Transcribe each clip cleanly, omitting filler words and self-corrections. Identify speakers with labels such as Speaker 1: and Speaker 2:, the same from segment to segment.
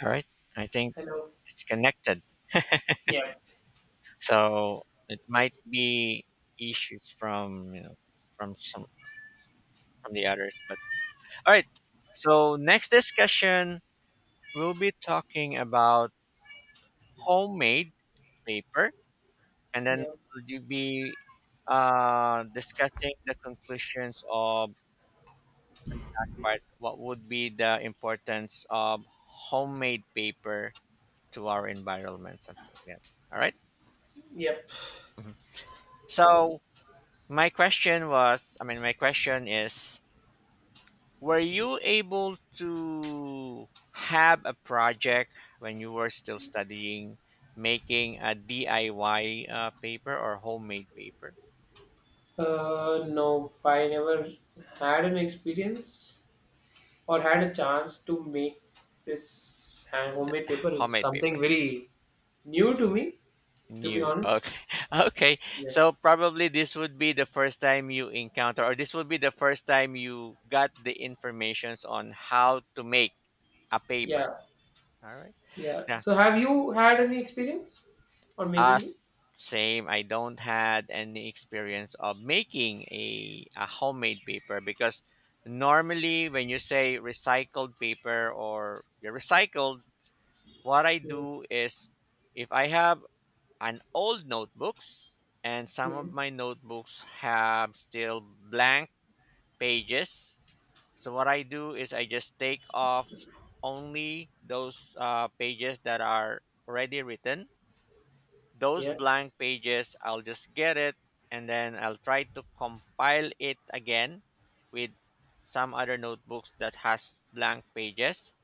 Speaker 1: All right. I think
Speaker 2: Hello.
Speaker 1: it's connected.
Speaker 2: Yep.
Speaker 1: So it might be issues from from some from the others. But all right. So next discussion we'll be talking about homemade paper, and then
Speaker 2: Yep.
Speaker 1: would you be discussing the conclusions of and the last part, what would be the importance of homemade paper to our environment, something like that. All right.
Speaker 2: Yep.
Speaker 1: Mhm. So My question was, I mean, my question is, were you able to have a project when you were still studying, making a DIY paper or homemade paper?
Speaker 2: No, I never had an experience or had a chance to make this homemade paper. It's
Speaker 1: Homemade
Speaker 2: something
Speaker 1: paper.
Speaker 2: very new to me, to be
Speaker 1: New.
Speaker 2: honest.
Speaker 1: Okay. Okay.
Speaker 2: Yeah.
Speaker 1: So probably this would be the first time you encounter, or this would be the first time you got the informations on how to make a
Speaker 2: Yeah.
Speaker 1: paper. All right.
Speaker 2: Yeah.
Speaker 1: Now,
Speaker 2: So, have you had any experience on
Speaker 1: Uh,
Speaker 2: making this?
Speaker 1: same. I don't had any experience of making a homemade paper, because normally when you say recycled paper or recycled, what I do is, if I have an old notebooks and some
Speaker 2: Mm-hmm.
Speaker 1: of my notebooks have still blank pages. So what I do is I just take off only those pages that are already written, those
Speaker 2: Yeah.
Speaker 1: blank pages, I'll just get it and then I'll try to compile it again with some other notebooks that has blank pages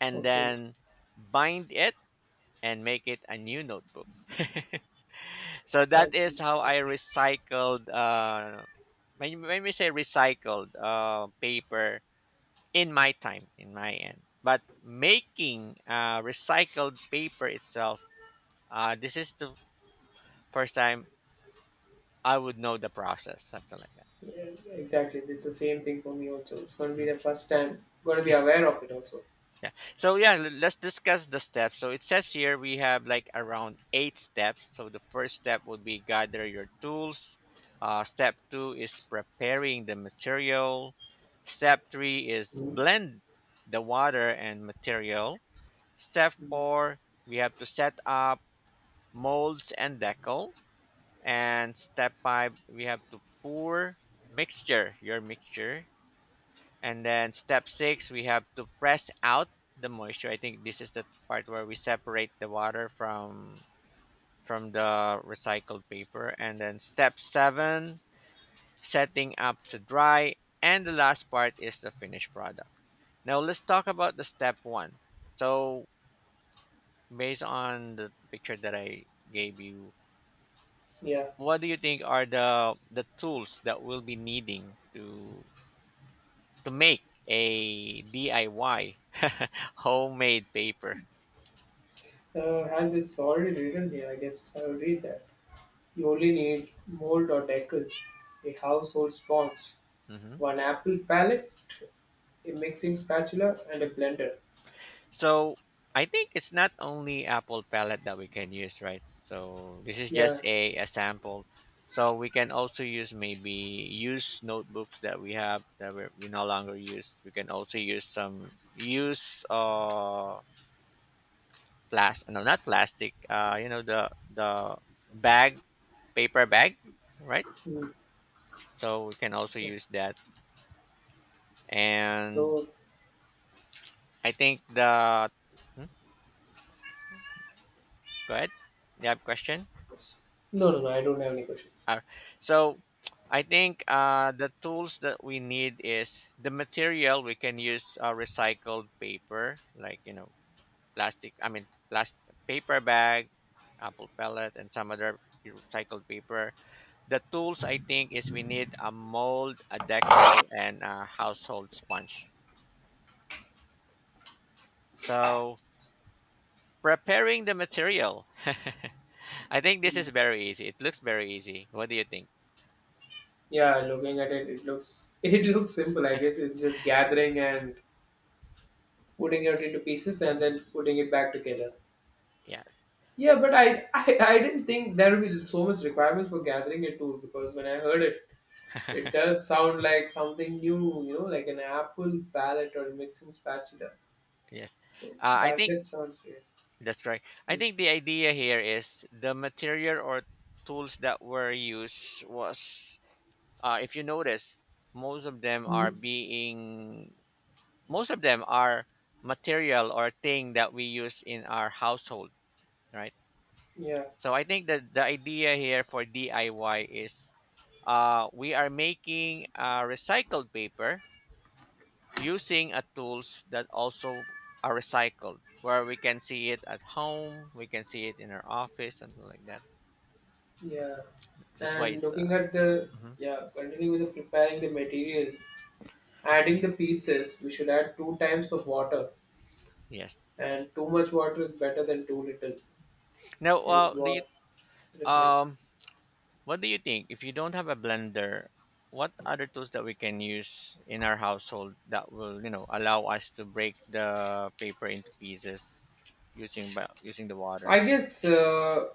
Speaker 1: and
Speaker 2: Okay.
Speaker 1: then bind it and make it a new notebook. So that
Speaker 2: Sounds
Speaker 1: is how
Speaker 2: interesting.
Speaker 1: I recycled when we say recycled paper in my time, in my end. But making recycled paper itself, this is the first time I would know the process, something like that.
Speaker 2: Yeah, exactly. It's the same thing for me also. It's going to be the
Speaker 1: Mm-hmm.
Speaker 2: first time. Going to be aware of it also.
Speaker 1: Yeah. So yeah, let's discuss the steps. So it says here we have like around eight steps. So the first step would be gather your tools. Step two is preparing the material. Step three is
Speaker 2: Mm.
Speaker 1: blend the water and material. Step
Speaker 2: Mm.
Speaker 1: four, we have to set up molds and decal. And step five, we have to pour your mixture. And then step six, we have to press out the moisture. I think this is the part where we separate the water from the recycled paper. And then step seven, setting up to dry. And the last part is the finished product. Now let's talk about the step one. So based on the picture that I gave you,
Speaker 2: Yeah.
Speaker 1: what do you think are the tools that we'll be needing to make a DIY homemade paper?
Speaker 2: As it's already written here, I guess I will read that. You only need mold or decal, a household sponge,
Speaker 1: Hmm.
Speaker 2: one apple palette, a mixing spatula, and a blender.
Speaker 1: So I think it's not only apple palette that we can use, right? So this is
Speaker 2: Yeah.
Speaker 1: just a sample. So we can also use maybe use notebooks that we have that we no longer use. We can also use some use plastic, no, not plastic, you know, the bag, paper bag, right?
Speaker 2: mm,
Speaker 1: So we can also
Speaker 2: yeah.
Speaker 1: use that. And
Speaker 2: So,
Speaker 1: I think the hmm? Go ahead. You have question?
Speaker 2: s- no, no, no, I don't have any questions.
Speaker 1: Uh, so I think the tools that we need is the material. We can use recycled paper, like you know, plastic. I mean, plastic paper bag, apple pellet, and some other recycled paper. The tools, I think, is we need a mold, a decal, and a household sponge. So preparing the material. I think this is
Speaker 2: Mm.
Speaker 1: very easy. It looks very easy. What do you think?
Speaker 2: Yeah, looking at it, it looks it looks simple. I guess it's just gathering and putting it into pieces and then putting it back together.
Speaker 1: Yeah,
Speaker 2: Yeah, but I didn't think there would be so much requirement for gathering it too because when I heard it, it does sound like something new, you know, like an apple palette or mixing spatula.
Speaker 1: yes.
Speaker 2: So
Speaker 1: I
Speaker 2: that
Speaker 1: think
Speaker 2: does sound weird.
Speaker 1: that's right. I think the idea here is the material or tools that were used was, if you notice, most of them
Speaker 2: hmm
Speaker 1: are most of them are material or thing that we use in our household, right?
Speaker 2: Yeah,
Speaker 1: So I think that the idea here for DIY is, we are making recycled paper using a tools that also are recycled, where we can see it at home, we can see it in our office, something like that.
Speaker 2: yeah.
Speaker 1: That's why
Speaker 2: And
Speaker 1: it's mhm,
Speaker 2: yeah, continuing with the preparing the material, adding the pieces, we should add two times of water.
Speaker 1: yes.
Speaker 2: And too much water is better than too little,
Speaker 1: Now
Speaker 2: is
Speaker 1: do you
Speaker 2: what referring.
Speaker 1: um, what do you think if you don't have a blender, what other tools that we can use in our household that will you know allow us to break the paper into pieces using by using the water?
Speaker 2: I guess, uh,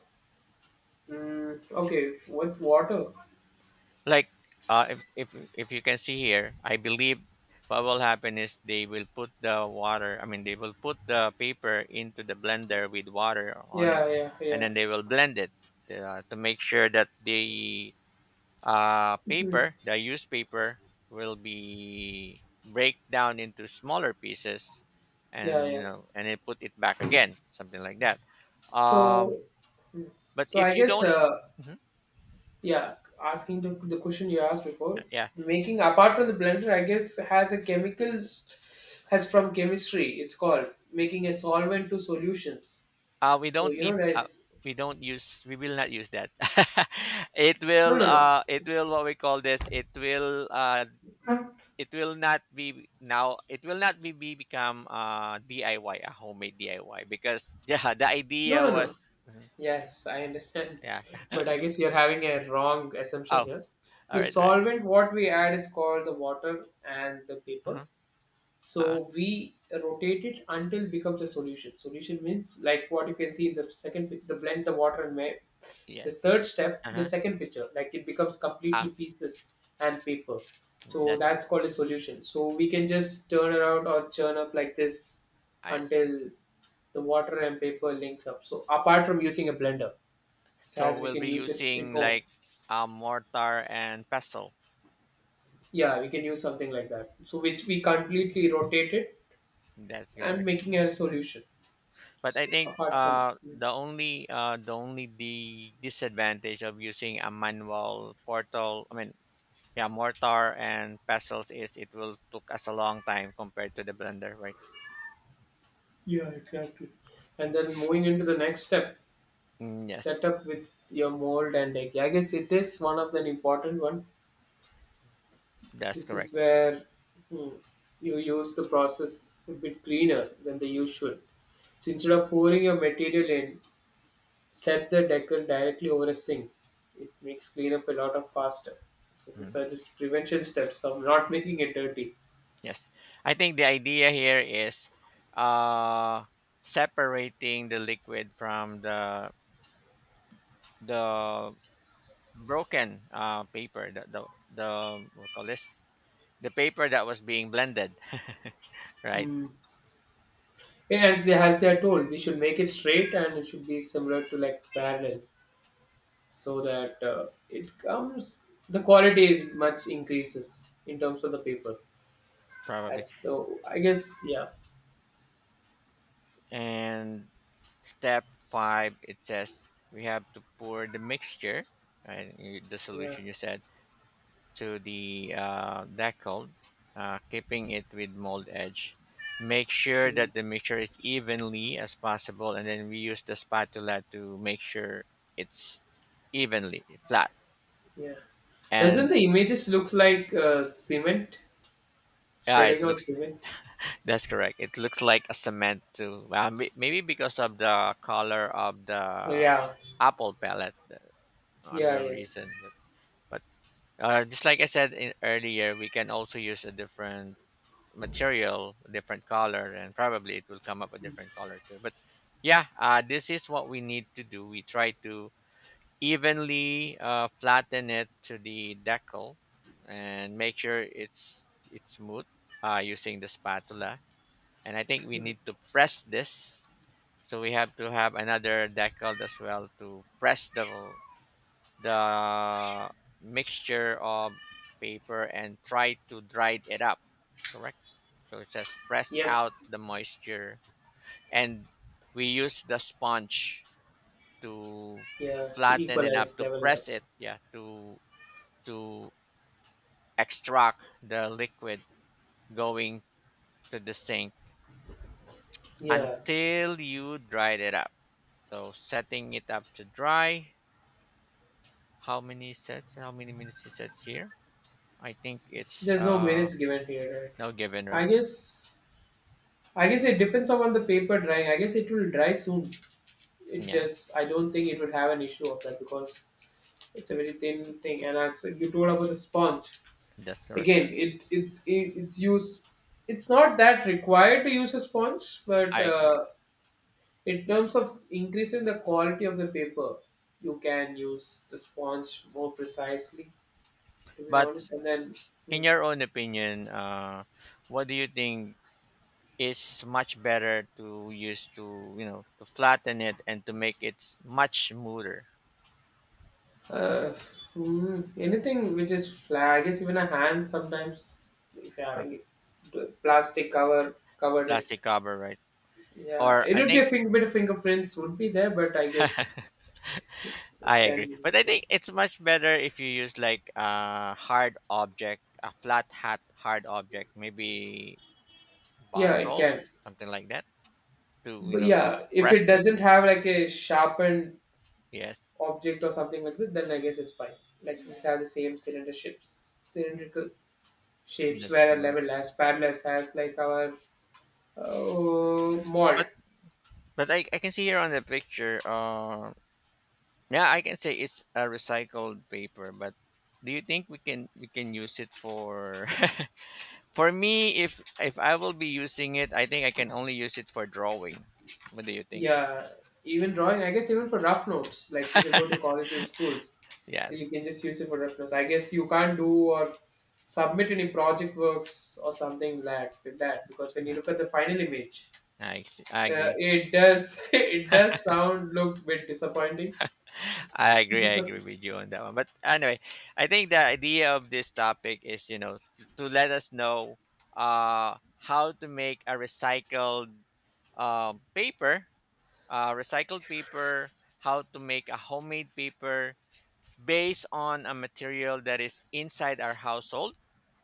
Speaker 2: mm, okay, with water.
Speaker 1: Like uh, if, if if you can see here, I believe what will happen is, they will put the water, I mean, they will put the paper into the blender with water on
Speaker 2: Yeah,
Speaker 1: it,
Speaker 2: yeah,
Speaker 1: and
Speaker 2: yeah.
Speaker 1: then they will blend it to make sure that the
Speaker 2: Mhm.
Speaker 1: paper, the used paper, will be break down into smaller pieces,
Speaker 2: Yeah,
Speaker 1: and you
Speaker 2: yeah.
Speaker 1: know, and then put it back again, something like that. Um,
Speaker 2: So,
Speaker 1: but
Speaker 2: so, I
Speaker 1: if you
Speaker 2: guess,
Speaker 1: don't, Mhm.
Speaker 2: yeah, asking the question you asked before,
Speaker 1: Yeah.
Speaker 2: making apart from the blender, I guess has a chemicals, has from chemistry. It's called making a solvent to solutions.
Speaker 1: We
Speaker 2: So
Speaker 1: don't
Speaker 2: you know,
Speaker 1: need.
Speaker 2: guys,
Speaker 1: We don't use. We will not use that. It
Speaker 2: no,
Speaker 1: will.
Speaker 2: no, no,
Speaker 1: It will. What we call this. It will.
Speaker 2: no,
Speaker 1: It will not be now. It will not be, become DIY, a homemade DIY, because yeah, the
Speaker 2: no,
Speaker 1: idea
Speaker 2: no.
Speaker 1: was mhm,
Speaker 2: Yes, I understand,
Speaker 1: yeah.
Speaker 2: but I guess you're having a wrong assumption
Speaker 1: Oh,
Speaker 2: here.
Speaker 1: all
Speaker 2: The
Speaker 1: right, all right.
Speaker 2: solvent what we add is called the water and the paper.
Speaker 1: Uh-huh. Uh-huh.
Speaker 2: So we rotate it until it becomes a solution. Solution means like what you can see in the second, the blend the water and the
Speaker 1: Yes.
Speaker 2: third step,
Speaker 1: Uh
Speaker 2: the
Speaker 1: huh.
Speaker 2: second picture, like it becomes completely
Speaker 1: Ah,
Speaker 2: pieces and paper. So
Speaker 1: that's
Speaker 2: that's called a
Speaker 1: correct.
Speaker 2: solution. So we can just turn around or churn up like this
Speaker 1: I see.
Speaker 2: until the water and paper links up. So apart from using a blender, so
Speaker 1: So
Speaker 2: as we
Speaker 1: we'll
Speaker 2: can
Speaker 1: be
Speaker 2: use it in
Speaker 1: using
Speaker 2: home,
Speaker 1: like a mortar and pestle.
Speaker 2: yeah, we can use something like that. So which we
Speaker 1: Mhm.
Speaker 2: completely rotate it
Speaker 1: That's
Speaker 2: and
Speaker 1: correct.
Speaker 2: making a solution.
Speaker 1: But I
Speaker 2: So
Speaker 1: think
Speaker 2: apart from
Speaker 1: the only the disadvantage of using a manual portal, I mean, yeah, mortar and pestles is it will took us a long time compared to the blender, right?
Speaker 2: Yeah, exactly. And then moving into the next step,
Speaker 1: Mm, yes,
Speaker 2: set up with your mold and egg. I guess it is one of the important one.
Speaker 1: that's
Speaker 2: This is
Speaker 1: correct.
Speaker 2: where hmm, you use the process a bit greener than the usual. So instead of pouring your material in, set the decal directly over a sink. It makes cleanup a lot of faster. So these
Speaker 1: Mhm.
Speaker 2: are just prevention steps of not making it dirty.
Speaker 1: Yes, I think the idea here is uh, separating the liquid from the broken paper, the what we call this, the paper that was being blended, right?
Speaker 2: Hmm. Yeah, and as they are told, we should make it straight and it should be similar to like parallel, so that it comes the quality is much increases in terms of the paper.
Speaker 1: Probably.
Speaker 2: That's the, I guess. Yeah.
Speaker 1: And step five, it says we have to pour the mixture, right, you- the
Speaker 2: Yeah.
Speaker 1: solution you said, to the decal, keeping it with mold edge. Make sure
Speaker 2: mm,
Speaker 1: that the mixture is evenly as possible, and then we use the spatula to make sure it's evenly flat.
Speaker 2: yeah, doesn't
Speaker 1: And
Speaker 2: the images look like cement,
Speaker 1: yeah, it
Speaker 2: spreading out
Speaker 1: looks
Speaker 2: cement.
Speaker 1: that's correct. It looks like a cement too. Well, maybe because of the color of
Speaker 2: Oh,
Speaker 1: the
Speaker 2: yeah.
Speaker 1: apple pellet. A
Speaker 2: Yeah,
Speaker 1: real reason.
Speaker 2: yes.
Speaker 1: But, but just like I said in, earlier, we can also use a different material, a different color, and probably it will come up a different color too. But yeah, this is what we need to do. We try to evenly flatten it to the decal and make sure it's smooth using the spatula. And I think we
Speaker 2: Mm.
Speaker 1: need to press this. So we have to have another decal as well to press the mixture of paper and try to dry it up, correct? So it says press
Speaker 2: Yep.
Speaker 1: out the moisture. And we use the sponge to
Speaker 2: Yeah, to
Speaker 1: flatten it up,
Speaker 2: equalize,
Speaker 1: to
Speaker 2: level it up.
Speaker 1: press it, yeah, to to extract the liquid going to the sink
Speaker 2: Yeah.
Speaker 1: until you dried it up. So, setting it up to dry, how many sets, how many minutes it sets here? I think it's
Speaker 2: There's no
Speaker 1: uh,
Speaker 2: minutes given here,
Speaker 1: no given,
Speaker 2: right? I
Speaker 1: right?
Speaker 2: guess. I guess it depends upon the paper drying. I guess it will dry soon. It does.
Speaker 1: Yes,
Speaker 2: I don't think it would have an issue of that because it's a very thin thing, and as you told about the sponge,
Speaker 1: that's correct.
Speaker 2: again, it's use. It's not that required to use a sponge, but
Speaker 1: I agree.
Speaker 2: in terms of increasing the quality of the paper, you can use the sponge more precisely. To be
Speaker 1: But
Speaker 2: honest, and then
Speaker 1: in your own opinion, what do you think is much better to use to you know to flatten it and to make it much smoother?
Speaker 2: uh, anything which is flat, I guess even a hand sometimes if you're
Speaker 1: Or
Speaker 2: having it, the plastic cover covered it.
Speaker 1: plastic cover, right?
Speaker 2: Yeah,
Speaker 1: Or
Speaker 2: it
Speaker 1: I
Speaker 2: would be a
Speaker 1: think
Speaker 2: thing, bit of fingerprints would be there, but I guess it
Speaker 1: I
Speaker 2: can
Speaker 1: agree,
Speaker 2: be
Speaker 1: but
Speaker 2: like
Speaker 1: I
Speaker 2: this.
Speaker 1: think it's much better if you use like a hard object, a flat hat hard object, maybe
Speaker 2: Yeah, it
Speaker 1: bottle,
Speaker 2: can.
Speaker 1: something like that, to you
Speaker 2: But
Speaker 1: know to
Speaker 2: yeah, if it
Speaker 1: press it.
Speaker 2: doesn't have like a sharpened
Speaker 1: Yes,
Speaker 2: object or something like that, then I guess it's fine. Like if it has the same cylinder shapes, cylindrical shapes
Speaker 1: that's
Speaker 2: where a
Speaker 1: correct.
Speaker 2: level as parallel as like our mold.
Speaker 1: But I can see here on the picture, yeah, I can say it's a recycled paper. But do you think we can you can use it for? For me, if I will be using it, I think I can only use it for drawing. What do you think?
Speaker 2: Yeah, even drawing. I guess even for rough notes, like if you go to colleges, schools, so
Speaker 1: Yes,
Speaker 2: you can just use it for rough notes. I guess you can't do or submit any project works or something like that because when you look at the final image,
Speaker 1: I agree.
Speaker 2: It does. It does sound look bit disappointing
Speaker 1: I agree. I
Speaker 2: because
Speaker 1: agree with you on that one. But anyway, I think the idea of this topic is you know to let us know how to make a recycled paper, uh, recycled paper, how to make a homemade paper based on a material that is inside our household.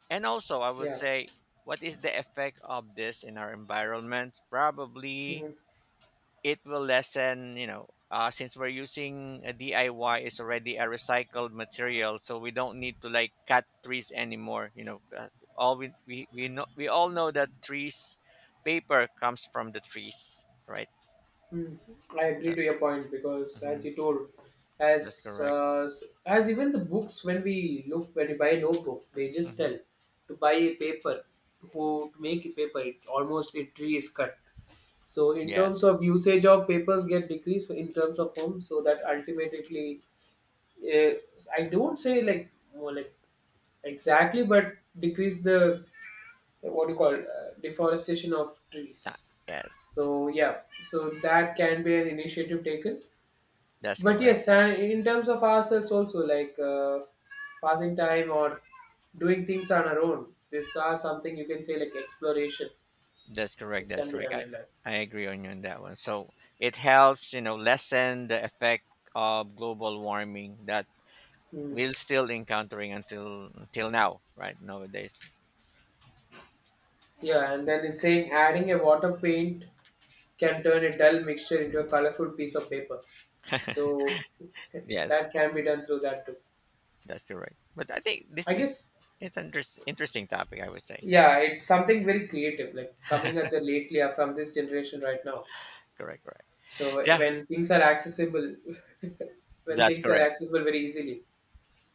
Speaker 1: And also, I would
Speaker 2: yeah,
Speaker 1: say, what is the effect of this in our environment? Probably
Speaker 2: mm,
Speaker 1: it will lessen, you know, since we're using a DIY, it's already a recycled material, so we don't need to like cut trees anymore. You know, all we know we all know that trees, paper comes from the trees, right?
Speaker 2: mm, I agree
Speaker 1: So,
Speaker 2: to your point because as
Speaker 1: mhm,
Speaker 2: you told,
Speaker 1: that's
Speaker 2: as
Speaker 1: correct.
Speaker 2: uh, as even the books when we buy a notebook, they just
Speaker 1: Mm-hmm.
Speaker 2: tell to buy a paper, who to make a paper. It almost a tree is cut. So in terms
Speaker 1: Yes.
Speaker 2: of usage of papers get decreased in terms of home, so that ultimately, uh, I don't say like more like exactly, but decrease the, what do you call, deforestation of
Speaker 1: Ah,
Speaker 2: trees.
Speaker 1: yes.
Speaker 2: So yeah, so that can be an initiative taken.
Speaker 1: That's
Speaker 2: But
Speaker 1: correct.
Speaker 2: yes, and in terms of ourselves also, like passing time or doing things on our own, this are something you can say like exploration
Speaker 1: That's correct.
Speaker 2: which
Speaker 1: That's
Speaker 2: can be
Speaker 1: correct.
Speaker 2: done in life.
Speaker 1: I agree on you on that one. So it helps, you know, lessen the effect of global warming that
Speaker 2: Hmm.
Speaker 1: we're still encountering until now, right? Nowadays.
Speaker 2: Yeah, and then it's saying adding a water paint can turn a dull mixture into a colorful piece of paper, so
Speaker 1: Yes,
Speaker 2: that can be done through that too,
Speaker 1: that's correct. But I think
Speaker 2: I
Speaker 1: this is
Speaker 2: guess.
Speaker 1: it's an interesting topic, I would say.
Speaker 2: Yeah, it's something very creative, like coming at the lately are from this generation right now.
Speaker 1: Correct, correct.
Speaker 2: So
Speaker 1: Yeah,
Speaker 2: when things are accessible, when
Speaker 1: that's
Speaker 2: things are
Speaker 1: correct.
Speaker 2: accessible very easily.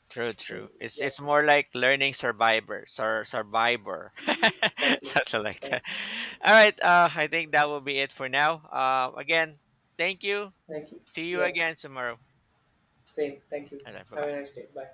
Speaker 1: True,
Speaker 2: So
Speaker 1: true.
Speaker 2: yeah,
Speaker 1: It's more like learning survivor, survivor,
Speaker 2: exactly.
Speaker 1: something like
Speaker 2: Thank
Speaker 1: that. All right. I think that will be it for now. Again, thank you.
Speaker 2: Thank you.
Speaker 1: See you
Speaker 2: Yeah,
Speaker 1: again tomorrow.
Speaker 2: same. Thank you.
Speaker 1: Bye
Speaker 2: Have a
Speaker 1: bye.
Speaker 2: nice day. Bye.